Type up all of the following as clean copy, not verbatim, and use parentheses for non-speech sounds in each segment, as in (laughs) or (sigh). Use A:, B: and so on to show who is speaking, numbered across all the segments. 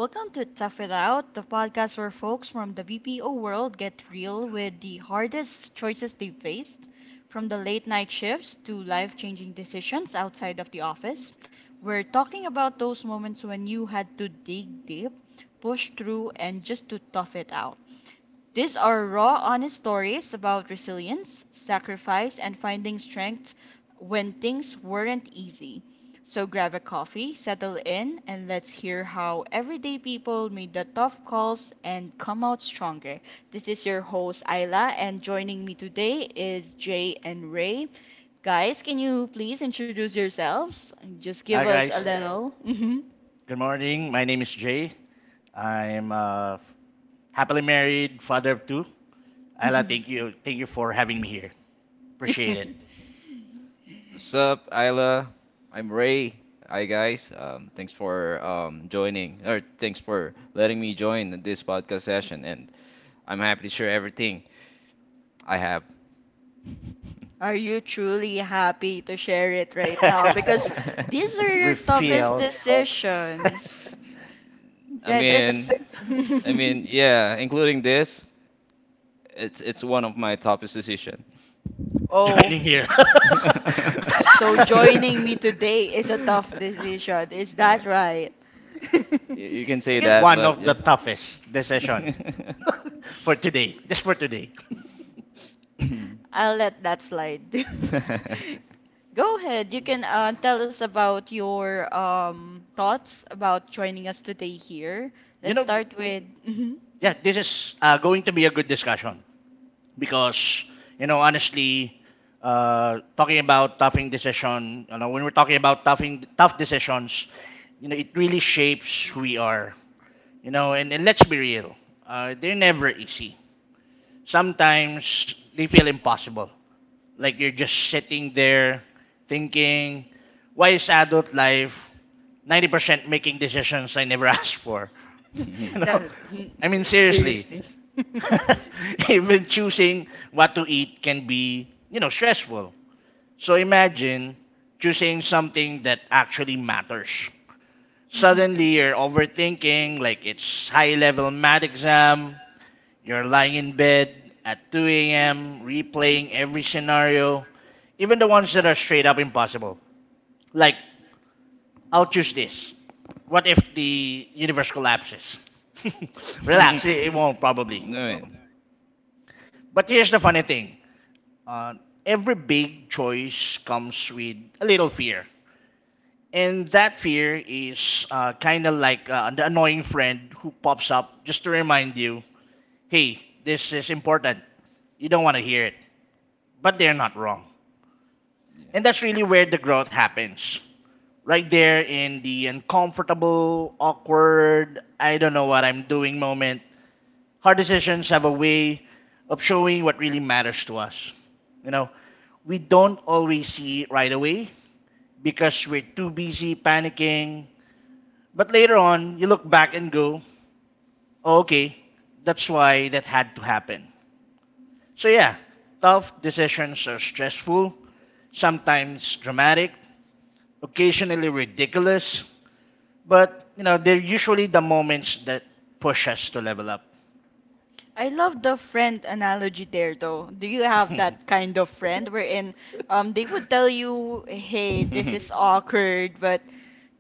A: Welcome to Tough It Out, the podcast where folks from the BPO world get real with the hardest choices they faced, from the late night shifts to life changing decisions outside of the office. We're talking about those moments when you had to dig deep, push through, and just to tough it out. These are raw, honest stories about resilience, sacrifice, and finding strength when things weren't easy. So grab a coffee, settle in, and let's hear how everyday people made the tough calls and come out stronger. This is your host, Ayla, and joining me today is Jay and Ray. Guys, can you please introduce yourselves? Just give
B: Hi,
A: us a
B: guys.
A: little.
B: Good morning. My name is Jay. I'm happily married, father of two. Ayla, thank you. Thank you for having me here.
A: Hmm
B: Appreciate
A: (laughs)
B: it.
C: What's up, Isla? I'm Ray. Hi, guys. Thanks for joining, or thanks for letting me join this podcast session. And I'm happy to share everything I have.
A: Are you truly happy to share it right now? Because
B: (laughs)
A: these
C: (laughs)
A: are
B: We
A: your toughest
B: feel (laughs)
A: decisions.
C: I
A: Yeah,
C: mean,
A: this. (laughs)
C: yeah, including this, it's one of my toughest decision.
A: oh,
B: joining here.
A: s-
B: (laughs)
C: (laughs)
A: so joining me today is a tough decision. Is
C: No.
A: that right?
C: You can
A: (laughs)
C: say
A: because.
C: that,
B: One
C: but
B: of the
C: yeah.
B: toughest decision
C: (laughs)
B: (laughs) for today. Just for today. (laughs)
A: I'll let that slide. (laughs) Go ahead. You can tell us about your thoughts about joining us today here.
B: You
A: Let's
B: know,
A: start with. Mhm.
B: yeah, this is going to be a good discussion. Because honestly, talking about toughing decision you know when we're talking about toughing tough decisions, you know, it really shapes who we are, you know. And let's be real, they're never easy. Sometimes they feel impossible, like you're just sitting there thinking, why is adult life 90% making decisions I never (laughs) asked for? (laughs) You know,
A: No, n-
B: I mean, seriously.
A: Seriously. (laughs)
B: (laughs) Even choosing what to eat can be, you know, stressful. So imagine choosing something that actually matters.
A: Mhm.
B: Suddenly you're overthinking, like it's high level math exam, you're lying in bed at 2 a.m., replaying every scenario, even the ones that are straight up impossible. Like, I'll choose this. What if the universe collapses? (laughs) Relax, it won't probably.
C: No, yeah.
B: But here's the funny thing. Uh, every big choice comes with a little fear. And that fear is kind of like the annoying friend who pops up just to remind you, hey, this is important. You don't want to hear it. But they're not wrong. And that's really where the growth happens. Right there in the uncomfortable, awkward, I don't know what I'm doing moment. Hard decisions have a way of showing what really matters to us. You know, we don't always see it right away because we're too busy panicking. But later on, you look back and go, oh, okay, that's why that had to happen. So, yeah, tough decisions are stressful, sometimes dramatic, occasionally ridiculous, but you know, they're usually the moments that push us to level up.
A: I love the friend analogy there, though. Do you have
B: (laughs)
A: that kind of friend wherein they would tell you, "Hey, this
C: Yeah.
A: is awkward, but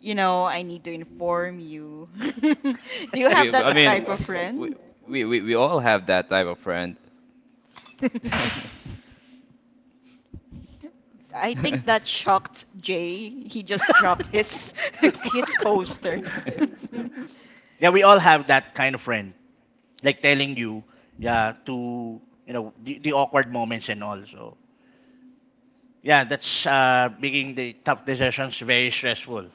A: you know, I need to inform you." (laughs) Do you
C: (laughs)
A: have
C: we, I
A: that
C: mean,
A: type of
C: we,
A: friend? (laughs)
C: we all have that type of friend. (laughs)
A: I think that shocked Jay. He just dropped his (laughs) his coaster. (laughs)
B: Yeah, we all have that kind of friend, like telling you, yeah, to, you know, the awkward moments and all. So yeah, that's making the tough decisions very stressful. (laughs)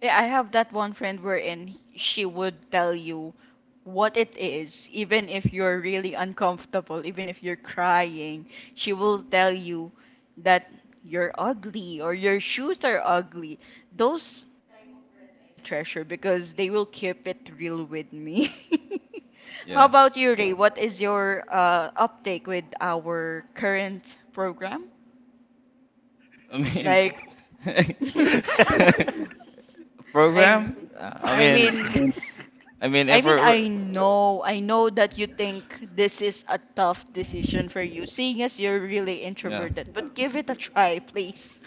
A: Yeah, I have that one friend wherein she would tell you what it is, even if you're really uncomfortable, even if you're crying, she will tell you that you're ugly or your shoes are ugly. Those type of friends I treasure because they will keep it real with me. (laughs) How
C: Yeah.
A: about you, Ray? What is your uptake with our current program?
C: I
A: Like,
C: mean,
A: (laughs)
C: (laughs) program?
A: I,
C: Uh, I
A: I
C: mean,
A: mean,
C: if we're,
A: I
C: we're-
A: know, that you think this is a tough decision for you, seeing as you're really
C: yeah.
A: introverted, but give it a try, please.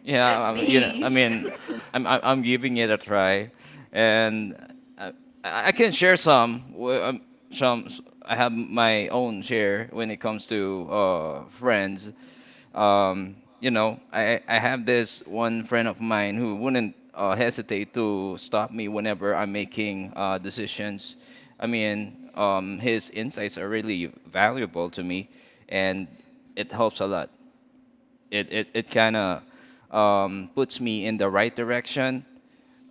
A: (laughs)
C: Yeah, you know,
A: Please. (laughs)
C: I'm giving it a try, and I, I can share some. I have my own share when it comes to friends. You know, I have this one friend of mine who wouldn't hesitate to stop me whenever I'm making decisions. His insights are really valuable to me, and it helps a lot it kind of puts me in the right direction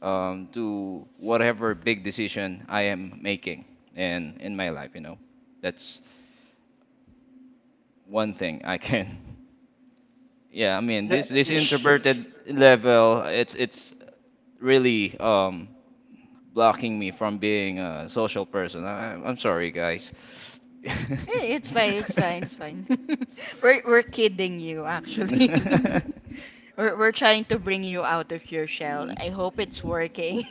C: to whatever big decision I am making in my life. You know, that's one thing I can. (laughs) Yeah, this
B: It's
C: introverted level, it's really blocking me from being a social person. I'm sorry, guys. (laughs)
A: Eh,
C: (laughs)
A: it's fine, it's fine. (laughs) We're kidding you,
C: Um,
A: actually. (laughs) We're trying to bring you out of your shell. I hope it's working.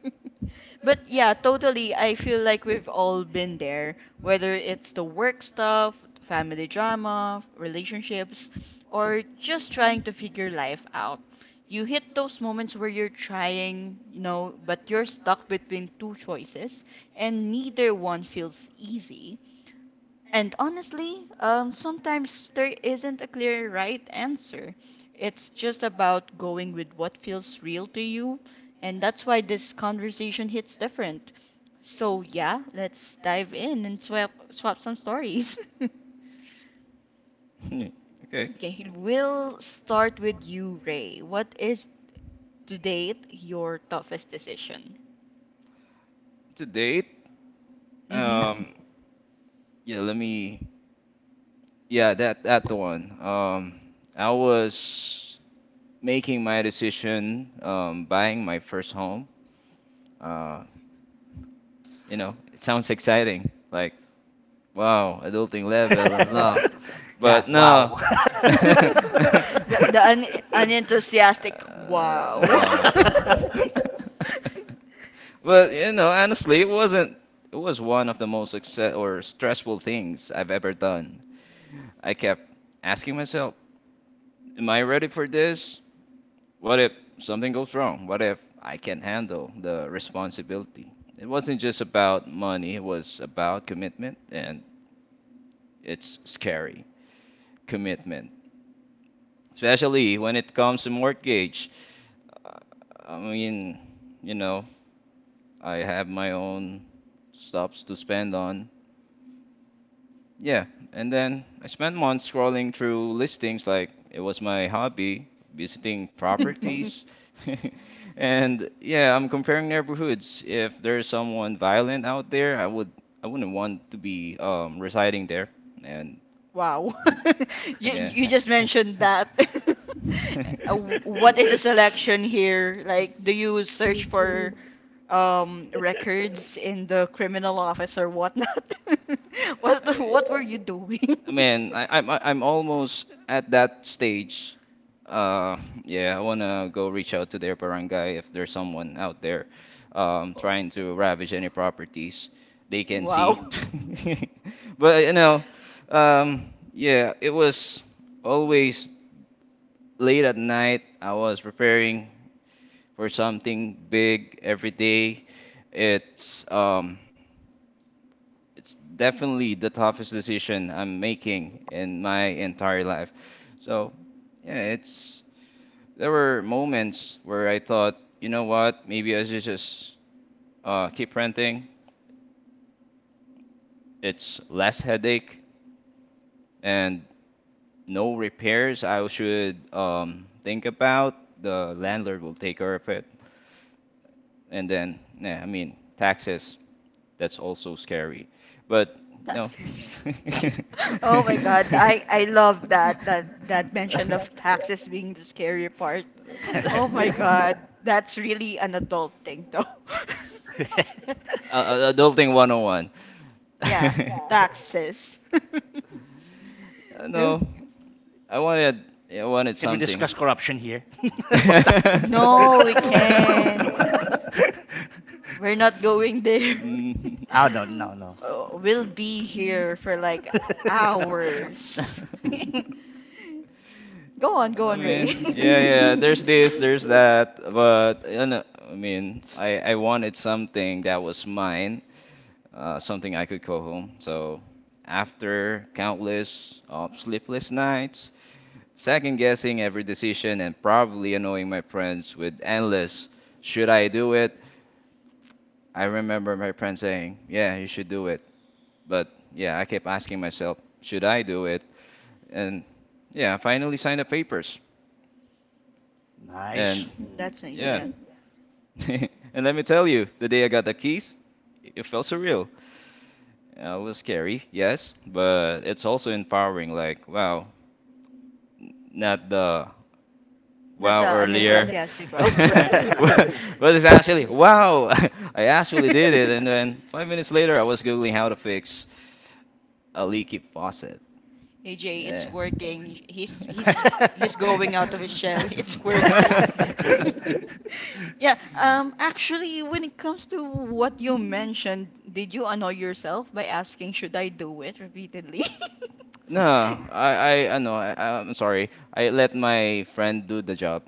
A: (laughs) But yeah, totally. I feel like we've all been there, whether it's the work stuff, family drama, relationships, or just trying to figure life out. You hit those moments where you're trying, you know, but you're stuck between two choices, and neither one feels easy. And honestly, sometimes there isn't a clear right answer. It's just about going with what feels real to you. And that's why this conversation hits different. So, yeah, let's dive in and swap some stories. (laughs)
C: okay.
A: Okay, we'll start with you, Ray. What is, to date, your toughest decision?
C: To date,
A: Mm-hmm.
C: um, yeah, let me, yeah, that the one. I was making my decision, buying my first home. Uh, you know, it sounds exciting. Like, wow, adulting level
B: (laughs)
C: unlocked.
B: yeah,
C: But
B: wow.
C: no.
A: The,
C: (laughs)
A: the un- Unenthusiastic wow. (laughs)
C: Wow. But you know, honestly, it wasn't. It was one of the most success or stressful things I've ever done. I kept asking myself, "Am I ready for this? What if something goes wrong? What if I can't handle the responsibility?" It wasn't just about money. It was about commitment, and it's scary. Commitment, especially when it comes to mortgage. Uh, I mean, you know, I have my own stops to spend on. Yeah, and then I spent months scrolling through listings like it was my hobby, visiting
A: Mhm.
C: properties. (laughs) And yeah, I'm comparing neighborhoods. If there's someone violent out there, I wouldn't want to be residing there. And
A: Wow. (laughs) You
C: yeah.
A: you just mentioned that. (laughs)
C: (laughs)
A: Uh, what is the selection here? Like, do you search for
B: (laughs)
A: records in the criminal office or whatnot? (laughs) What
C: I-
A: what were you doing?
C: I mean, I- I'm almost at that stage. Uh, yeah, I wanna go reach out to their barangay if there's someone out there, trying to ravage any properties they
A: (laughs)
C: can see.
A: Wow.
C: (laughs) But you know, um, yeah, it was always late at night. I was preparing for something big every day. It's um. It's definitely the toughest decision I'm making in my entire life. So, yeah, it's there were moments where I thought, you know what, maybe I should just keep renting. It's less headache and no repairs I should think about. The landlord will take care of it. And then, yeah, I mean, taxes. That's also scary. But no.
A: Taxes.
C: (laughs)
A: (laughs) Oh my God, I love that mention of taxes being the scary part. Oh my
B: (laughs)
A: God, that's really an adult thing though. (laughs)
C: Adulting 101.
A: Yeah,
C: (laughs)
A: taxes. (laughs) Oh,
C: No, I wanted I wanted
B: Can we
C: something.
B: discuss corruption here? (laughs) About
C: (laughs)
B: taxes?
A: no, we
B: (laughs) No.
A: can't. We're
B: (laughs)
A: not going there.
C: Mm.
A: (laughs)
B: Oh, no, no, no.
A: Oh, we'll be here for like hours. (laughs) Go on, go
C: I
A: on, Ray.
C: mean, yeah,
A: (laughs)
C: yeah. There's that, but you know, I wanted something that was mine, something I could call home. So after countless sleepless nights, second guessing every decision, and probably annoying my friends with endless "should I do it?" I remember my friend saying, "Yeah, you should do it," but yeah, I kept asking myself, "Should I do it?" And yeah, I finally signed the papers,
B: (laughs) Nice.
C: and
B: (laughs)
A: That's nice,
C: yeah,
A: yeah.
C: (laughs) and let me tell you, the day I got the keys, it felt surreal. It was scary, yes, but it's also empowering. Like, wow, not the
A: Not
C: wow
A: the
C: earlier,
A: unenthusiastic
C: (laughs)
A: wow. (laughs)
C: but it's
A: Eh.
C: actually wow. (laughs) I actually did it, and then 5 minutes later, I was googling how to fix a leaky faucet.
A: (laughs) AJ, it's
C: Yeah.
A: working. He's going out of his shell. It's
C: (laughs)
A: working. (laughs) Yeah, actually when it comes to what you mentioned, did you annoy yourself by asking should I do it repeatedly? (laughs)
C: No, I, I know. I'm sorry. I let my friend do the job.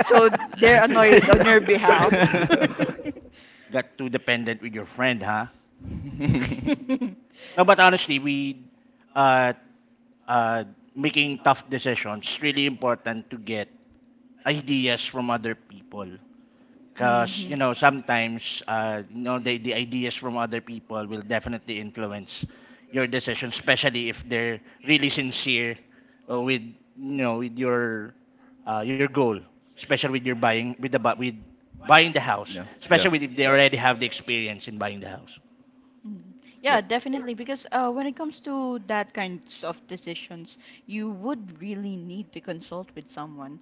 A: So they're annoyed on your behalf. (laughs)
C: (laughs)
B: Got too dependent with your friend, huh?
C: (laughs) yeah,
A: (laughs)
B: No, but honestly, we uh, uh, making tough decisions, it's really important to get ideas from other people. Because, you
A: Mhm.
B: know, sometimes, you know, the ideas from other people will definitely influence your decision, especially if they're really sincere, with, you know, with your goal, especially with your buying, with the with buying the house,
C: yeah,
B: especially with if they already have the experience in buying the house.
A: Mm.
C: yep,
A: Yeah, definitely. Because when it comes to that kinds of decisions, you would really need to consult with someone,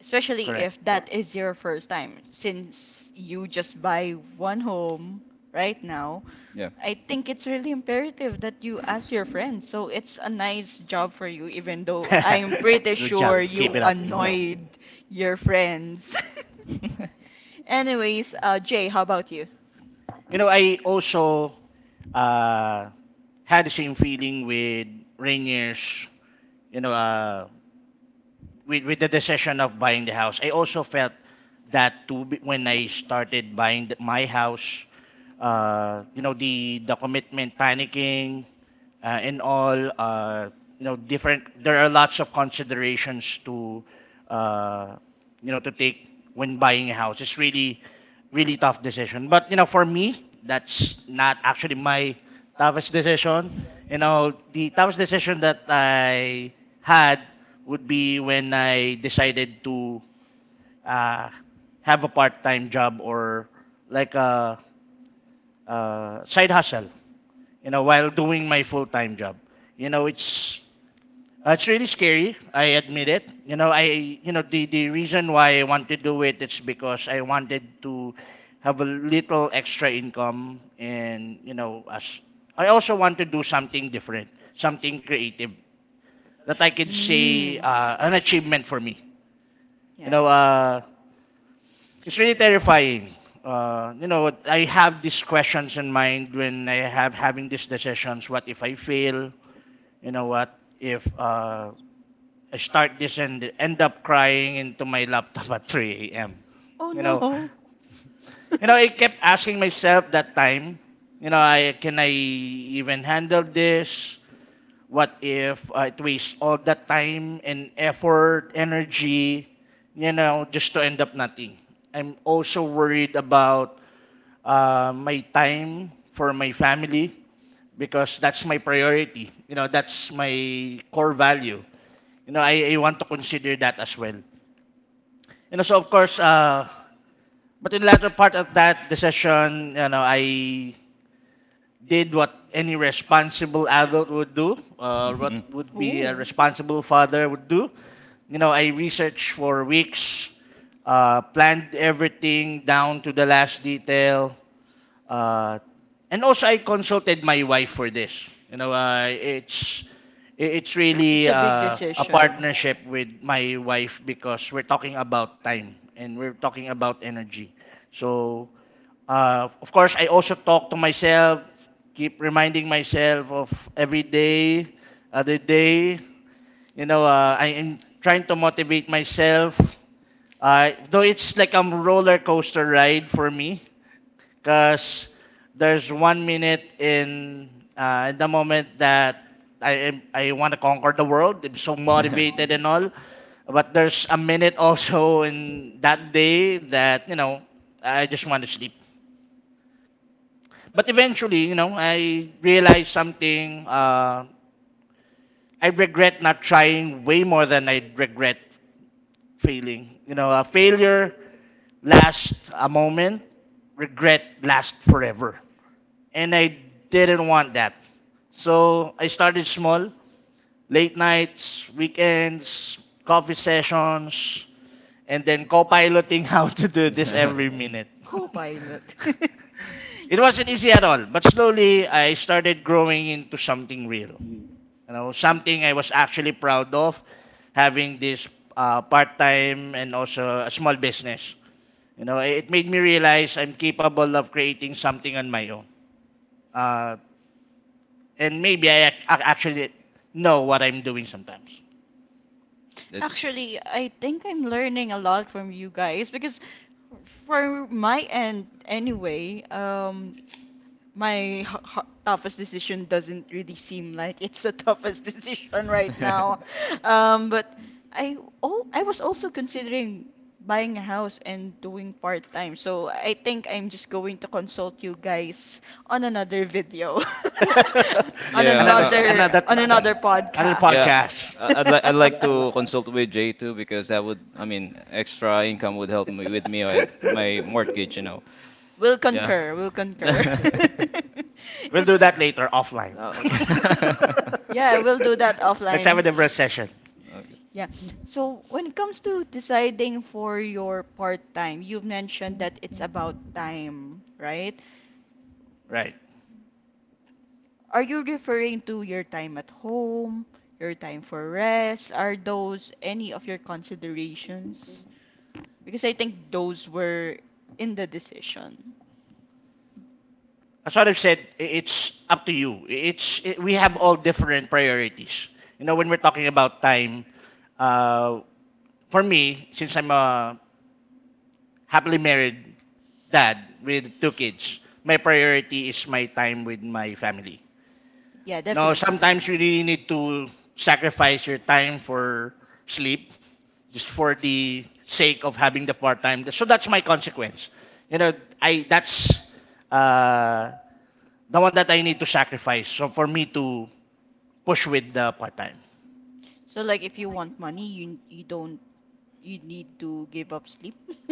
A: especially
B: Correct.
A: if that is your first time. Since you just buy one home right now,
C: yeah.
A: I think it's really imperative that you ask your friends. So it's a nice job for you, even though I'm pretty
B: (laughs) Good job.
A: sure
B: Keep
A: you
B: it up.
C: Mhm.
A: annoyed your friends.
C: (laughs)
A: (laughs) Anyways, Jay, how about you?
B: You know, I also uh, had the same feeling with Rainier's, you know, with the decision of buying the house. I also felt that when I started buying the, my house, you know, the commitment, panicking, and all. You know, different. There are lots of considerations to uh, you know, to take when buying a house. It's really really tough decision. But you know, for me, that's not actually my toughest decision. You know, the toughest decision that I had would be when I decided to uh, have a part-time job, or like a side hustle, you know, while doing my full-time job. You know, it's really scary. I admit it. You know, the reason why I want to do it is because I wanted to have a little extra income, and you know, as I also want to do something different, something creative that I could say
A: Mm.
B: an achievement for me. You
A: Yeah.
B: know, it's really terrifying. You know, I have these questions in mind when I have having these decisions. What if I fail? You know, what if I start this and end up crying into my laptop (laughs) at 3 a.m.?
A: Oh
B: You know,
A: no.
B: you know, I kept asking myself that time. You know, I can I even handle this? What if it wastes all that time and effort, energy, you know, just to end up nothing? I'm also worried about my time for my family because that's my priority. You know, that's my core value. You know, I want to consider that as well. You know, so of course, but in the latter part of that decision, you know, I did what any responsible adult would do, what
C: Mhm.
B: would be a
A: Oh.
B: responsible father would do. You know, I researched for weeks, planned everything down to the last detail, uh, and also, I consulted my wife for this. You know, it's
A: It's
B: really
A: a big
B: a
A: decision.
B: partnership with my wife because we're talking about time and we're talking about energy. So, of course, I also talk to myself, keep reminding myself of every day, other day. You know, I am trying to motivate myself. Though it's like a roller coaster ride for me because there's one minute in the moment that I want to conquer the world. I'm so motivated and all, but there's a minute (laughs) also in that day that you know I just want to sleep. But eventually, you know, I realized something. I regret not trying way more than I regret failing. You know, a failure lasts a moment, regret lasts forever, and I didn't want that. So I started small, late nights, weekends, coffee sessions, and then co-piloting (laughs) how to do this every minute.
C: (laughs)
A: Co-pilot.
B: (laughs) It wasn't easy at all, but slowly I started growing into something real. You know, something I was actually proud of, having this part-time and also a small business. You know, it made me realize I'm capable of creating something on my own. Uh, and maybe I actually know what I'm doing sometimes.
A: (laughs)
C: It's
A: Actually, I think I'm learning a lot from you guys because for my end anyway, my toughest decision doesn't really seem like it's the (laughs) toughest decision right now.
C: (laughs)
A: But I oh I was also considering buying a house and doing part time. So I think I'm just going to consult you guys on another video, (laughs) on
B: (laughs) another
C: yeah,
B: s-
A: another
B: another Another
A: podcast.
C: yeah.
B: podcast.
C: I'd like
A: (laughs)
C: to consult with Jay too because that would, I mean, extra income would help me with me my
B: (laughs)
C: mortgage, you know.
A: We'll
C: Yeah.
A: concur. We'll concur.
C: (laughs)
A: (laughs)
B: We'll do
A: it's
B: that later offline.
C: Oh, okay. (laughs)
A: Yeah, we'll do that
B: (laughs) Let's have
A: offline.
B: a different session.
A: Yeah. So when it comes to deciding for your part-time, you have mentioned that it's about time, right?
B: Right.
A: Are you referring to your time at home, your time for rest? Are those any of your considerations? Because I think those were in the decision.
B: As what I've said, it's up to you. It's I We have all different priorities. You know, when we're talking about time, uh, for me, since I'm a happily married dad with two kids, my priority is my time with my family.
A: Yeah,
B: Now,
A: definitely,
B: sometimes you
A: definitely.
B: really need to sacrifice your time for sleep just for the sake of having the part time. So that's my consequence. You know, I that's uh, the one that I need to sacrifice. So for me to push with the part time,
A: So like if you want money, you don't you need to give up sleep? (laughs)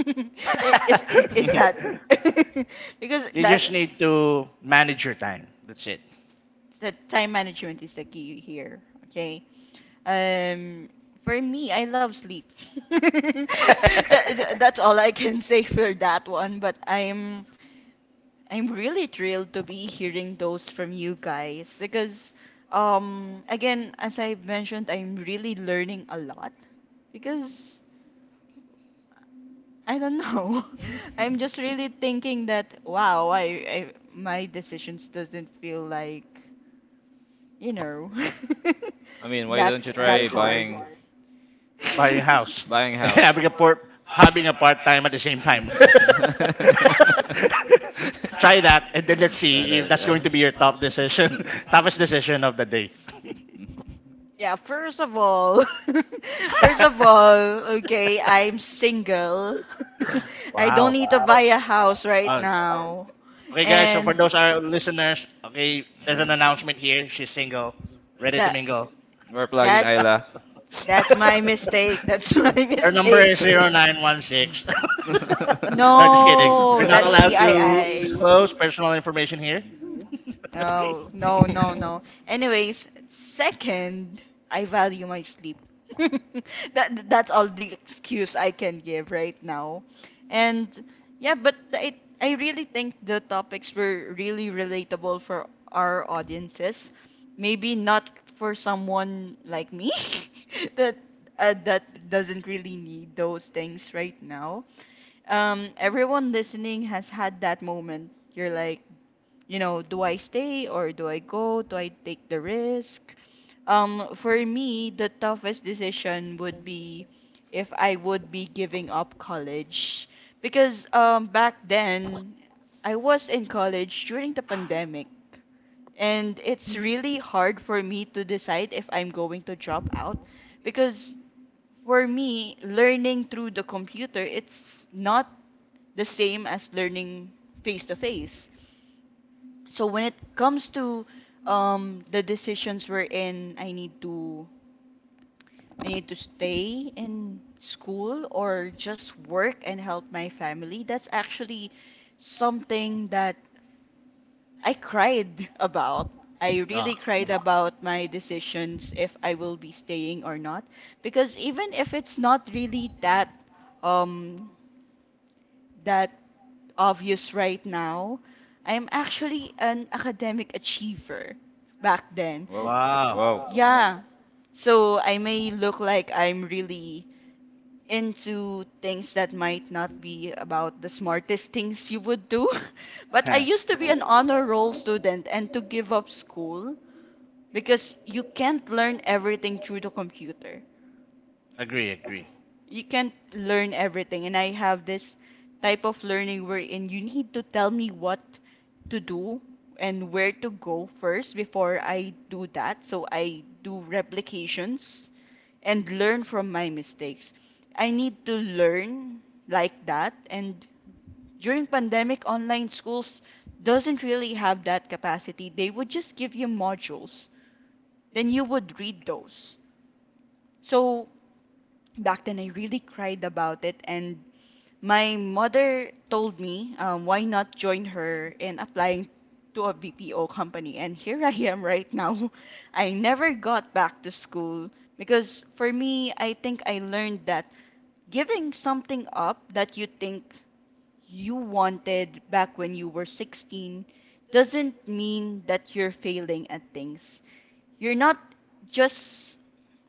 A: Is
C: Okay.
A: that (laughs) because
B: (laughs) you
A: that
B: just need to manage your time. That's it.
A: the time management is the key here. Okay. Um, for me, I love sleep. (laughs)
B: (laughs)
A: That's all I can say for that one. But I'm really thrilled to be hearing those from you guys because again, as I mentioned, I'm really learning a lot because I don't know. (laughs) I'm just really thinking that wow, I my decisions doesn't feel like, you know,
C: (laughs) I mean,
A: (laughs)
C: why
A: that
C: don't you
A: that
C: try
B: Buying a
A: hard.
B: house,
C: buying
B: (laughs)
C: house?
B: having a part having a part time at the same
C: (laughs)
B: time. (laughs)
A: (laughs) (laughs)
C: Try
B: Try that, and then let's see if that's
C: yeah.
B: going to be your top decision, (laughs) toughest decision of the day.
C: Mm.
A: Yeah, first of all, (laughs) first of all,
B: (laughs)
A: okay, I'm single. (laughs) I don't
B: Wow.
A: need to buy Wow. a house right
B: Uh,
A: now.
B: okay, guys. So
A: And
B: for those our listeners, okay, there's an announcement here. She's single, ready to
A: that
B: mingle.
C: We're plugging
A: that's
C: Ayla.
A: my
C: (laughs)
B: (laughs)
A: mistake. That's (laughs) my
B: Her number
A: mistake.
B: is 0916. (laughs) No, just kidding. We're
A: No,
B: not
A: that's
B: allowed to
A: PII.
B: disclose personal information here. (laughs)
A: No, no, no, no. Anyways, second, I value my sleep. (laughs) That's all the excuse I can give right now. And yeah, but I really think the topics were really relatable for our audiences. Maybe not for someone like me (laughs) that that doesn't really need those things right now, everyone listening has had that moment. You're like, you know, do I stay or do I go? Do I take the risk? For me, the toughest decision would be if I would be giving up college. Because back then, I was in college during the pandemic. And it's really hard for me to decide if I'm going to drop out because for me, learning through the computer, it's not the same as learning face to face. So when it comes to the decisions we're in, I need to stay in school or just work and help my family. That's actually something that I cried about. I
B: No.
A: really cried about my decisions if I will be staying or not because even if it's not really that um that obvious right now. I'm actually an academic achiever back then.
C: Whoa,
B: Wow.
C: whoa.
A: Yeah. So I may look like I'm really into things that might not be about the smartest things you would do. (laughs) But I used
B: (laughs)
A: to be an honor roll student and to give up school because you can't learn everything through the computer.
B: Agree, agree.
A: You can't learn everything, and I have this type of learning wherein you need to tell me what to do and where to go first before I do that, so I do replications and learn from my mistakes. I need to learn like that, and during pandemic online schools doesn't really have that capacity. They would just give you modules, then you would read those. So back then I really cried about it, and my mother told me, why not join her in applying to a BPO company, and here (laughs) I am right now. (laughs) I never got back to school because for me I think I learned that giving something up that you think you wanted back when you were 16 doesn't mean that you're failing at things. You're not just,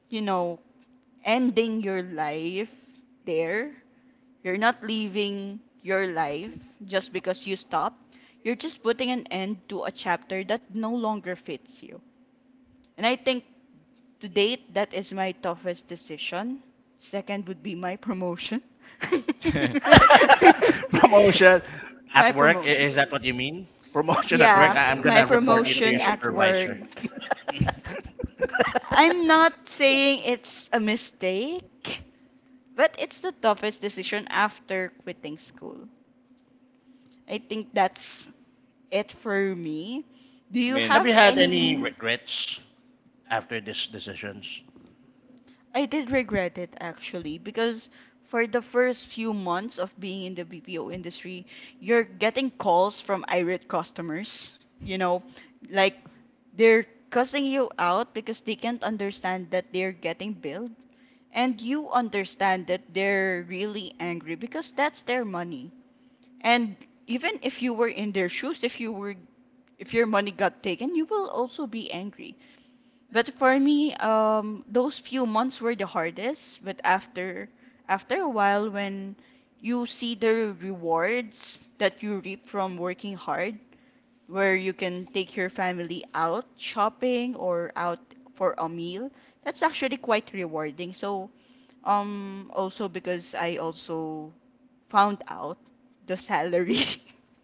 A: you know, ending your life there. You're not leaving your life just because you stop. You're just putting an end to a chapter that no longer fits you. And I think to date, that is my toughest decision. Second would be my promotion.
C: (laughs) I
A: (laughs)
B: (laughs) Promotion
A: My
B: at work,
A: promotion.
B: is that what you mean? Promotion at work,
A: Yeah,
B: I'm
A: my
B: gonna report you to your
A: promotion at work.
B: supervisor. (laughs)
A: I'm not saying it's a mistake. But it's the toughest decision after quitting school. I think that's it for me. Do you
C: mean,
A: have
B: Have you had any
A: any?
B: regrets after these decisions? (laughs)
A: I did regret it actually because for the first few months of being in the BPO industry, you're getting calls from irate customers. You know, like they're cussing you out because they can't understand that they're getting billed. And you understand that they're really angry because that's their money. And even if you were in their shoes, if you were if your money got taken, you will also be angry. But for me, those few months were the hardest. But after a while, when you see the rewards that you reap from working hard, where you can take your family out shopping or out for a meal. That's actually quite rewarding. So, also because I also found out the salary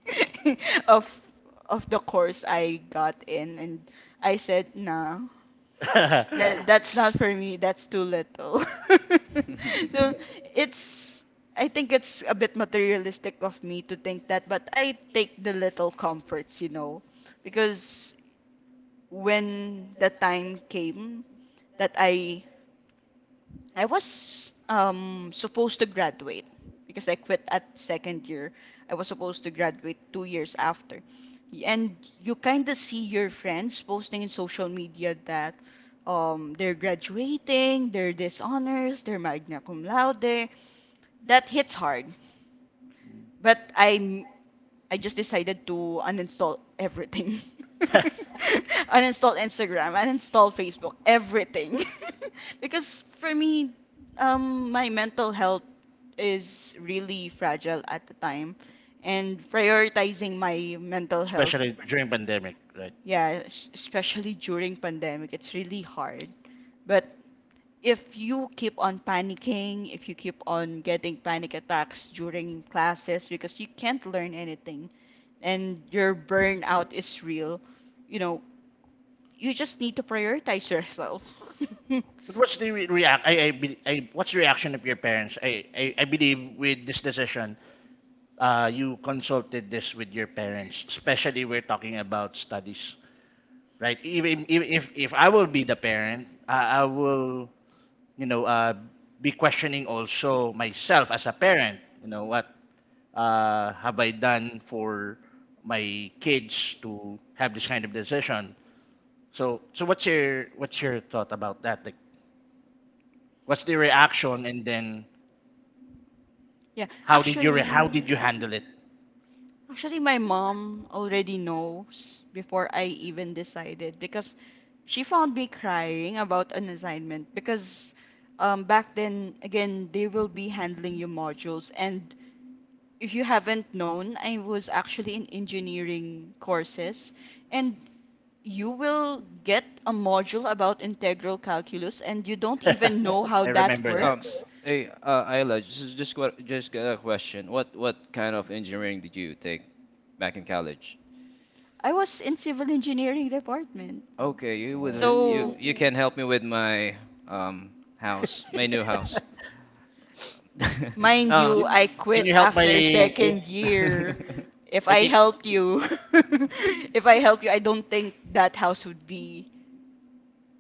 A: (laughs) of of the course I got in, and I said, nah, that's not for me. That's too little. (laughs) So it's I think it's a bit materialistic of me to think that, but I take the little comforts, because when the time came that I was supposed to graduate because I quit at second year. I was supposed to graduate 2 years after. And you kind of see your friends posting in social media that they're graduating, they're dishonors, they're magna cum laude. That hits hard, but I just decided to uninstall everything. (laughs) Uninstall Instagram, uninstall Facebook, everything. (laughs) Because for me, my mental health is really fragile at the time, and prioritizing my mental health,
B: Especially during pandemic, right?
A: yeah, especially during pandemic, it's really hard. But if you keep on panicking, if you keep on getting panic attacks during classes because you can't learn anything and your burnout is real, you know, you just need to prioritize yourself. (laughs)
B: But what's the re- react? I, be- I, what's the reaction of your parents? I believe with this decision, you consulted this with your parents. Especially we're talking about studies, right? Even if I will be the parent, I will, you know, be questioning also myself as a parent. You know, what have I done for my kids to have this kind of decision? So what's your thought about that? Like, what's the reaction, and then
A: Yeah,
B: how did you
A: actually,
B: how did you handle it?
A: actually my mom already knows before I even decided because she found me crying about an assignment because back then again they will be handling your modules and if you haven't known, I was actually in engineering courses, and you will get a module about integral calculus, and you don't even
B: (laughs)
A: know how
B: I
A: that
B: remember that.
C: um,
A: works.
C: hey, Ayla, this is just what, just got a question. What kind of engineering did you take back in college?
A: I was in civil engineering department. Mm.
C: Okay, you with
B: Oh.
C: you
A: So,
C: you can help me with my um house, my new
B: (laughs)
C: house. (laughs)
A: mind
C: Oh.
A: you,
B: You-
A: I
B: Can
A: quit
B: you help my?
A: after second year.
C: (laughs)
A: If
B: I
A: I
B: think.
A: helped you, (laughs) if I helped you, I don't think that house would be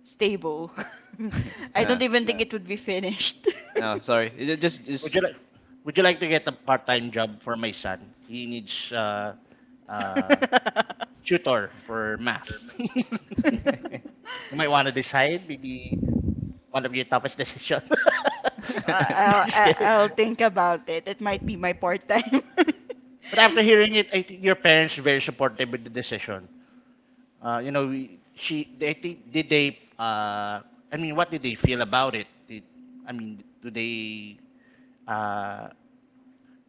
A: stable. (laughs)
C: (laughs)
A: I
C: no,
A: don't even think, yeah, it would be finished.
C: no, sorry.
B: Would
C: Just.
B: you like to get a part-time job for my son? He needs uh,
A: (laughs)
B: tutor for math. (laughs) You
C: (laughs)
B: might want to decide maybe one of your toughest decisions. (laughs)
A: I-
B: No,
A: I'll,
B: just
A: I-
B: kidding.
A: will i will think about it. It might be my part time.
B: But after hearing it, I think your parents are very supportive with the decision. You know, we, she they think did they I mean, what did they feel about it? I mean, do they uh,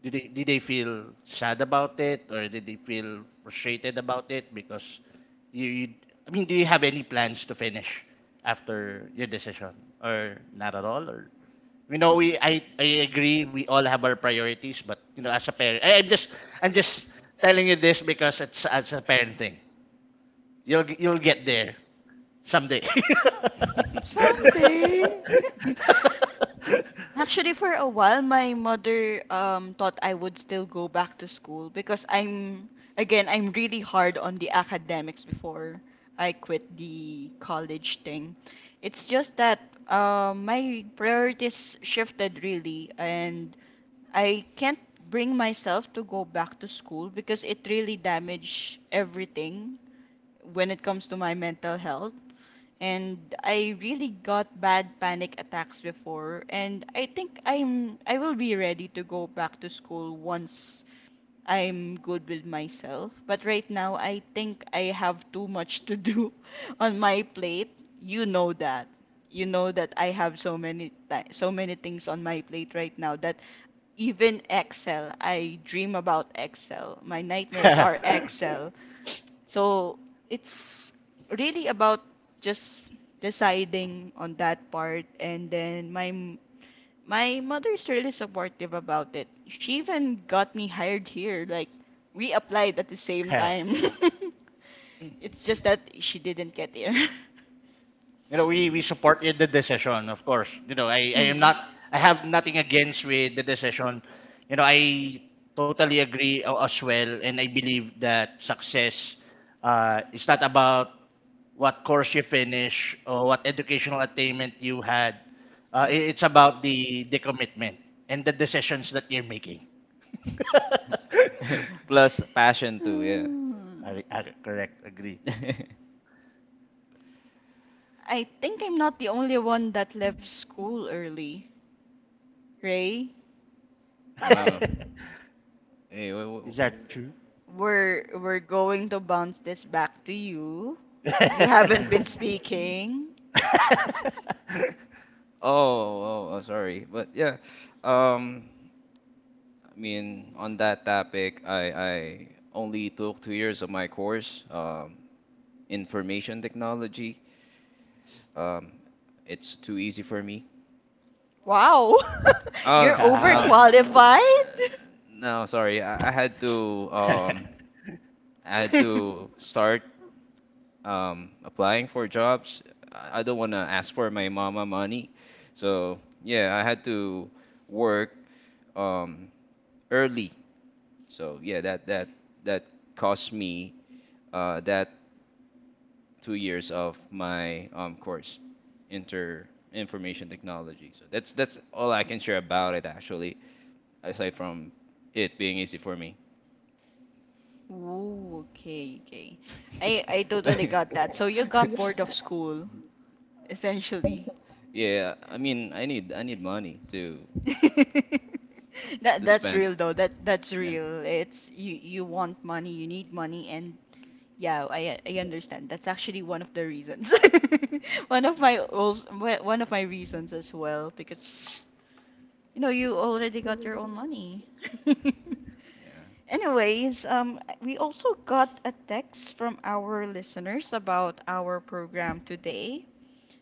B: did they feel sad about it, or did they feel frustrated about it? Because you I mean, do you have any plans to finish after your decision, or not at all, or you know, we I agree we all have our priorities. But you know, as a parent, I'm just I'm just telling you this because it's as a parent thing. You'll get there someday.
A: (laughs) Someday. (laughs) Actually, for a while, my mother thought I would still go back to school because again, I'm really hard on the academics before I quit the college thing. It's just that my priorities shifted really, and I can't bring myself to go back to school because it really damaged everything when it comes to my mental health. And I really got bad panic attacks before, and I think I will be ready to go back to school once I'm good with myself. But right now, I think I have too much to do (laughs) on my plate. You know that. You know that I have so many so many things on my plate right now that even Excel, I dream about Excel. My nightmares are Excel. So it's really about just deciding on that part, and then my mother's really supportive about it. She even got me hired here. Like we applied at the same
B: (laughs)
A: time.
B: (laughs)
A: (laughs) It's just that she didn't get here. (laughs)
B: You know, we supported the decision, of course. You know, I am
A: Hmm.
B: not, I have nothing against with the decision. You know, I totally agree as well, and I believe that success is not about what course you finish or what educational attainment you had.
C: Yes.
B: It's about the commitment and the decisions that you're making. (laughs)
C: (laughs) Plus passion too. Yeah.
A: Hmm.
B: Correct, agree.
C: (laughs)
A: I think I'm not the only one that left school early, Ray.
C: Oh.
B: (laughs)
C: Hey.
B: Is that true?
A: We're going to bounce this back to you. You haven't been
B: (laughs)
A: speaking.
B: (laughs)
C: Oh. Oh. Oh. Sorry. But yeah. Um. I mean, on that topic, I only took 2 years of my course, information technology. Um, it's too easy for me.
A: Wow. (laughs) You're
C: Oh no.
B: Yeah.
A: overqualified.
C: No, sorry.
B: (laughs)
C: Um, I had
A: (laughs)
C: to start applying for jobs. I don't want to ask for my mama money, so yeah, I had to work um early. So yeah, that cost me that 2 years of my course, inter information technology. So that's all I can share about it actually. Aside from it being easy for me.
A: Ooh, okay, okay. I totally
C: (laughs)
A: got that. So you got bored of school, essentially.
C: Yeah, I need money
A: (laughs) That
C: to
A: that's
C: spend.
A: real though. That's
C: Yeah,
A: real. It's you want money, you need money, and yeah, I understand. That's actually one of the reasons. (laughs) One of my reasons as well because you know you already got your own money. (laughs) Anyways, we also got a text from our listeners about our program today,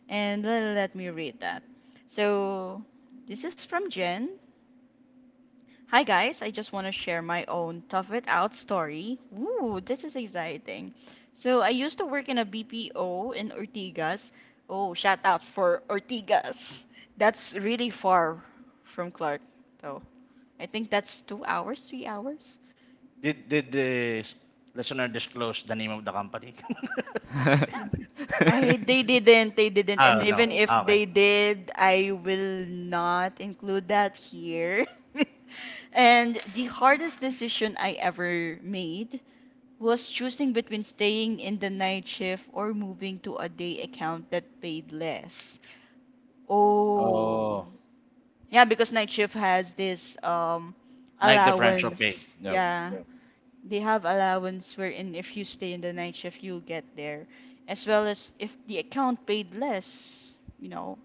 A: and let me read that. So, this is from Jen. Hi guys, I just want to share my own tough it out story. Ooh, this is exciting. So I used to work in a BPO in Ortigas. Oh, shout out for Ortigas. That's really far from Clark, though. I think that's 2 hours, 3 hours.
B: Did the listener disclose the name of the company? (laughs)
C: yeah.
A: I they didn't, and
B: Oh, no.
A: even if
B: Okay.
A: they did I will not include that here. (laughs) And the hardest decision I ever made was choosing between staying in the night shift or moving to a day account that paid less. Oh.
B: Oh,
A: Yeah, because night shift has this
B: night differential pay.
A: allowance.
C: (laughs) No.
A: Yeah, they have allowance wherein if you stay in the night shift you'll get there as well as if the account paid less, you know,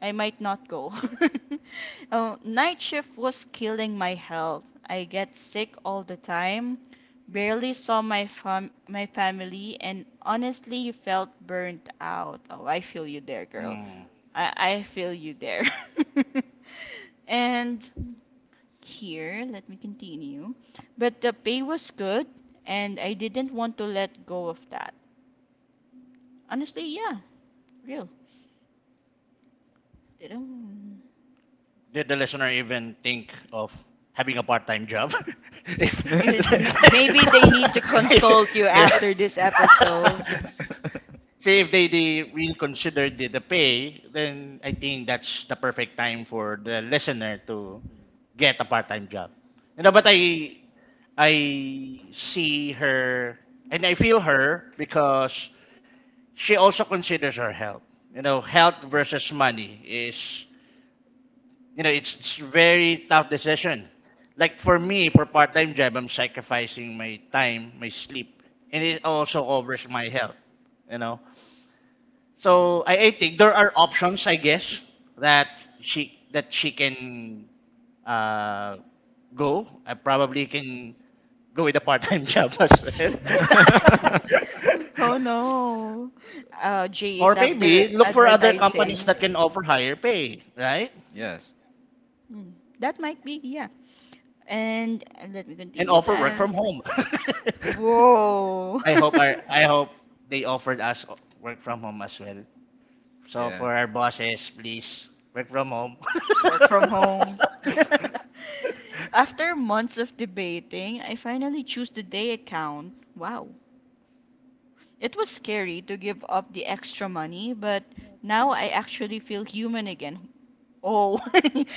A: I might not go. (laughs) Oh, night shift was killing my health, I get sick all the time, barely saw my my family and honestly felt burnt out. Oh, I feel you there, girl.
B: Mm.
A: I feel you there. (laughs) And here. Let me continue. But the pay was good, and I didn't want to let go of that. Honestly, yeah, real. Didn't.
B: Did the listener even think of having a part-time job? (laughs) If
A: You maybe they need to consult you
B: (laughs) yeah.
A: after this episode.
C: (laughs)
B: (laughs) Say if they, they really consider the pay, then I think that's the perfect time for the listener to get a part-time job. You know, but I see her and I feel her because she also considers her health. You know, health versus money is, you know, it's very tough decision. Like for me, for part-time job, I'm sacrificing my time, my sleep, and it also covers my health. You know. So I think there are options, I guess, that she can uh, go. I probably can go with a part-time (laughs) job as well.
A: Oh no.
B: (laughs)
A: Jay is
B: Or
A: after
B: maybe look for other companies
A: advertising.
B: that can offer higher pay, right?
C: Yes.
A: Hmm. That might be, yeah. And let me
B: And
A: continue
B: offer work from
A: that.
B: home. (laughs)
A: Whoa.
B: I,
A: (laughs)
B: I hope they offered us work from home as well. So
C: Yeah.
B: for our bosses, please work from home.
A: Work from home. (laughs) After months of debating, I finally choose the day account. Wow. It was scary to give up the extra money, but now I actually feel human again. Oh,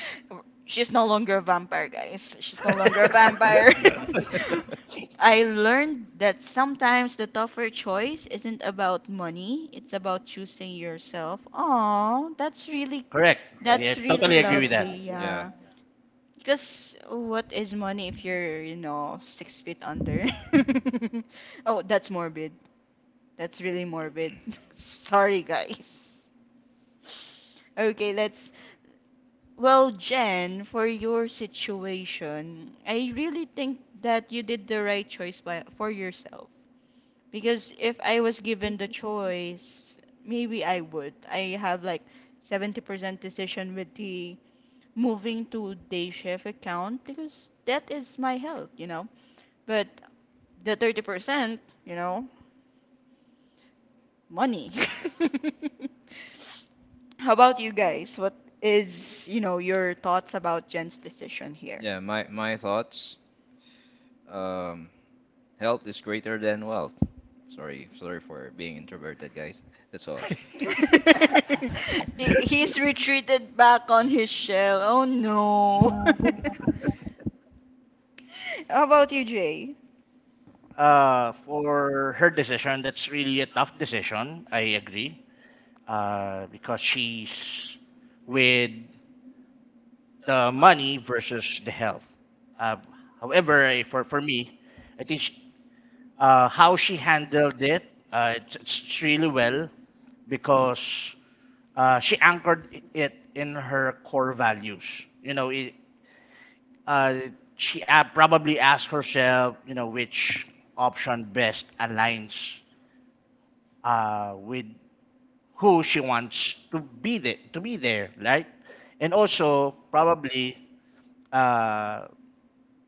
A: (laughs) she's no longer a vampire, guys. She's no longer a
B: (laughs)
A: vampire.
C: (laughs)
A: (laughs) I learned that sometimes the tougher choice isn't about money, it's about choosing yourself. Oh, that's really,
B: Correct. Yeah,
A: that's really
B: totally agree with
A: lovely,
B: that.
C: Yeah.
A: yeah. Because what is money if you're, you know, 6 feet under? (laughs) Oh, that's morbid. That's really morbid. (laughs) Sorry, guys. Okay, let's. Well, Jen, for your situation, I really think that you did the right choice by, for yourself. Because if I was given the choice, maybe I would. I have like 70% decision with the moving to day shift account because that is my health, you know. But the 30%, you know, money. (laughs) How about you guys? What is, you know, your thoughts about Jen's decision here?
C: Yeah. My thoughts. Um, health is greater than wealth. Sorry, sorry for being introverted, guys. That's all.
A: (laughs) He's retreated back on his shell. Oh no. (laughs) How about you, Jay?
B: For her decision, that's really a tough decision. I agree. Because she's with the money versus the health. Uh, However, for me, I think how she handled it, it's really well because she anchored it in her core values. You know, it, uh, she probably asked herself, you know, which option best aligns with who she wants to to be there, right? And also probably uh,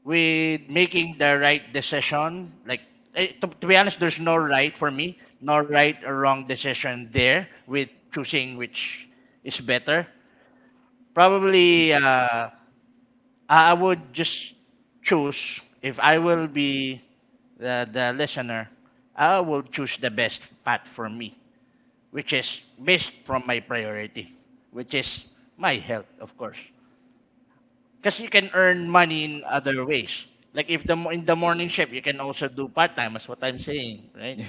B: with making the right decision. Like to be honest, there's no right or wrong decision there with choosing which is better. Probably, I would just choose if I will be the listener. I will choose the best path for me, which is based from my priority, which is my health, of course. Because you can earn money in other ways. Like if in
C: (laughs) Yes.
B: the morning shift, you can also do part time. That's what I'm saying, right?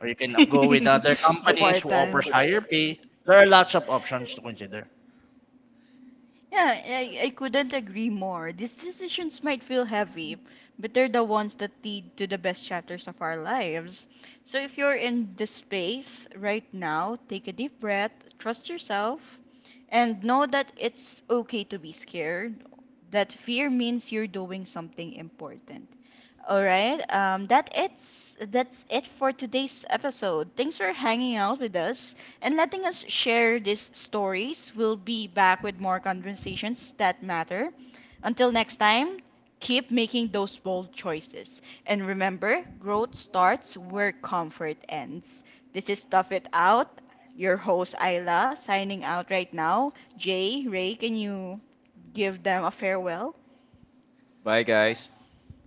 B: Or you can go with
A: (laughs)
B: other
A: The
B: companies
A: part
B: who
A: time.
B: offers higher pay. There are lots of options to consider.
A: Yeah, I couldn't agree more. These decisions might feel heavy, but they're the ones that lead to the best chapters of our lives. So if you're in this space right now, take a deep breath, trust yourself, and know that it's okay to be scared. That fear means you're doing something important. All right. That it's that's it for today's episode. Thanks for hanging out with us and letting us share these stories. We'll be back with more conversations that matter. Until next time, keep making those bold choices. And remember, growth starts where comfort ends. This is Stuff It Out, your host Ayla, signing out right now. Jay, Ray, can you give them a farewell?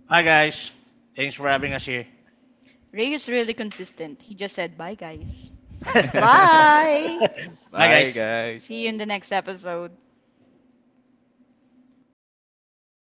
B: Bye guys. Thanks for having us here.
A: Ray is really consistent. He just said, bye, guys.
C: Bye,
B: (laughs)
C: guys.
A: Bye.
C: (laughs)
B: Bye
C: Bye,
B: guys.
A: (laughs)
C: guys.
A: See you in the next episode.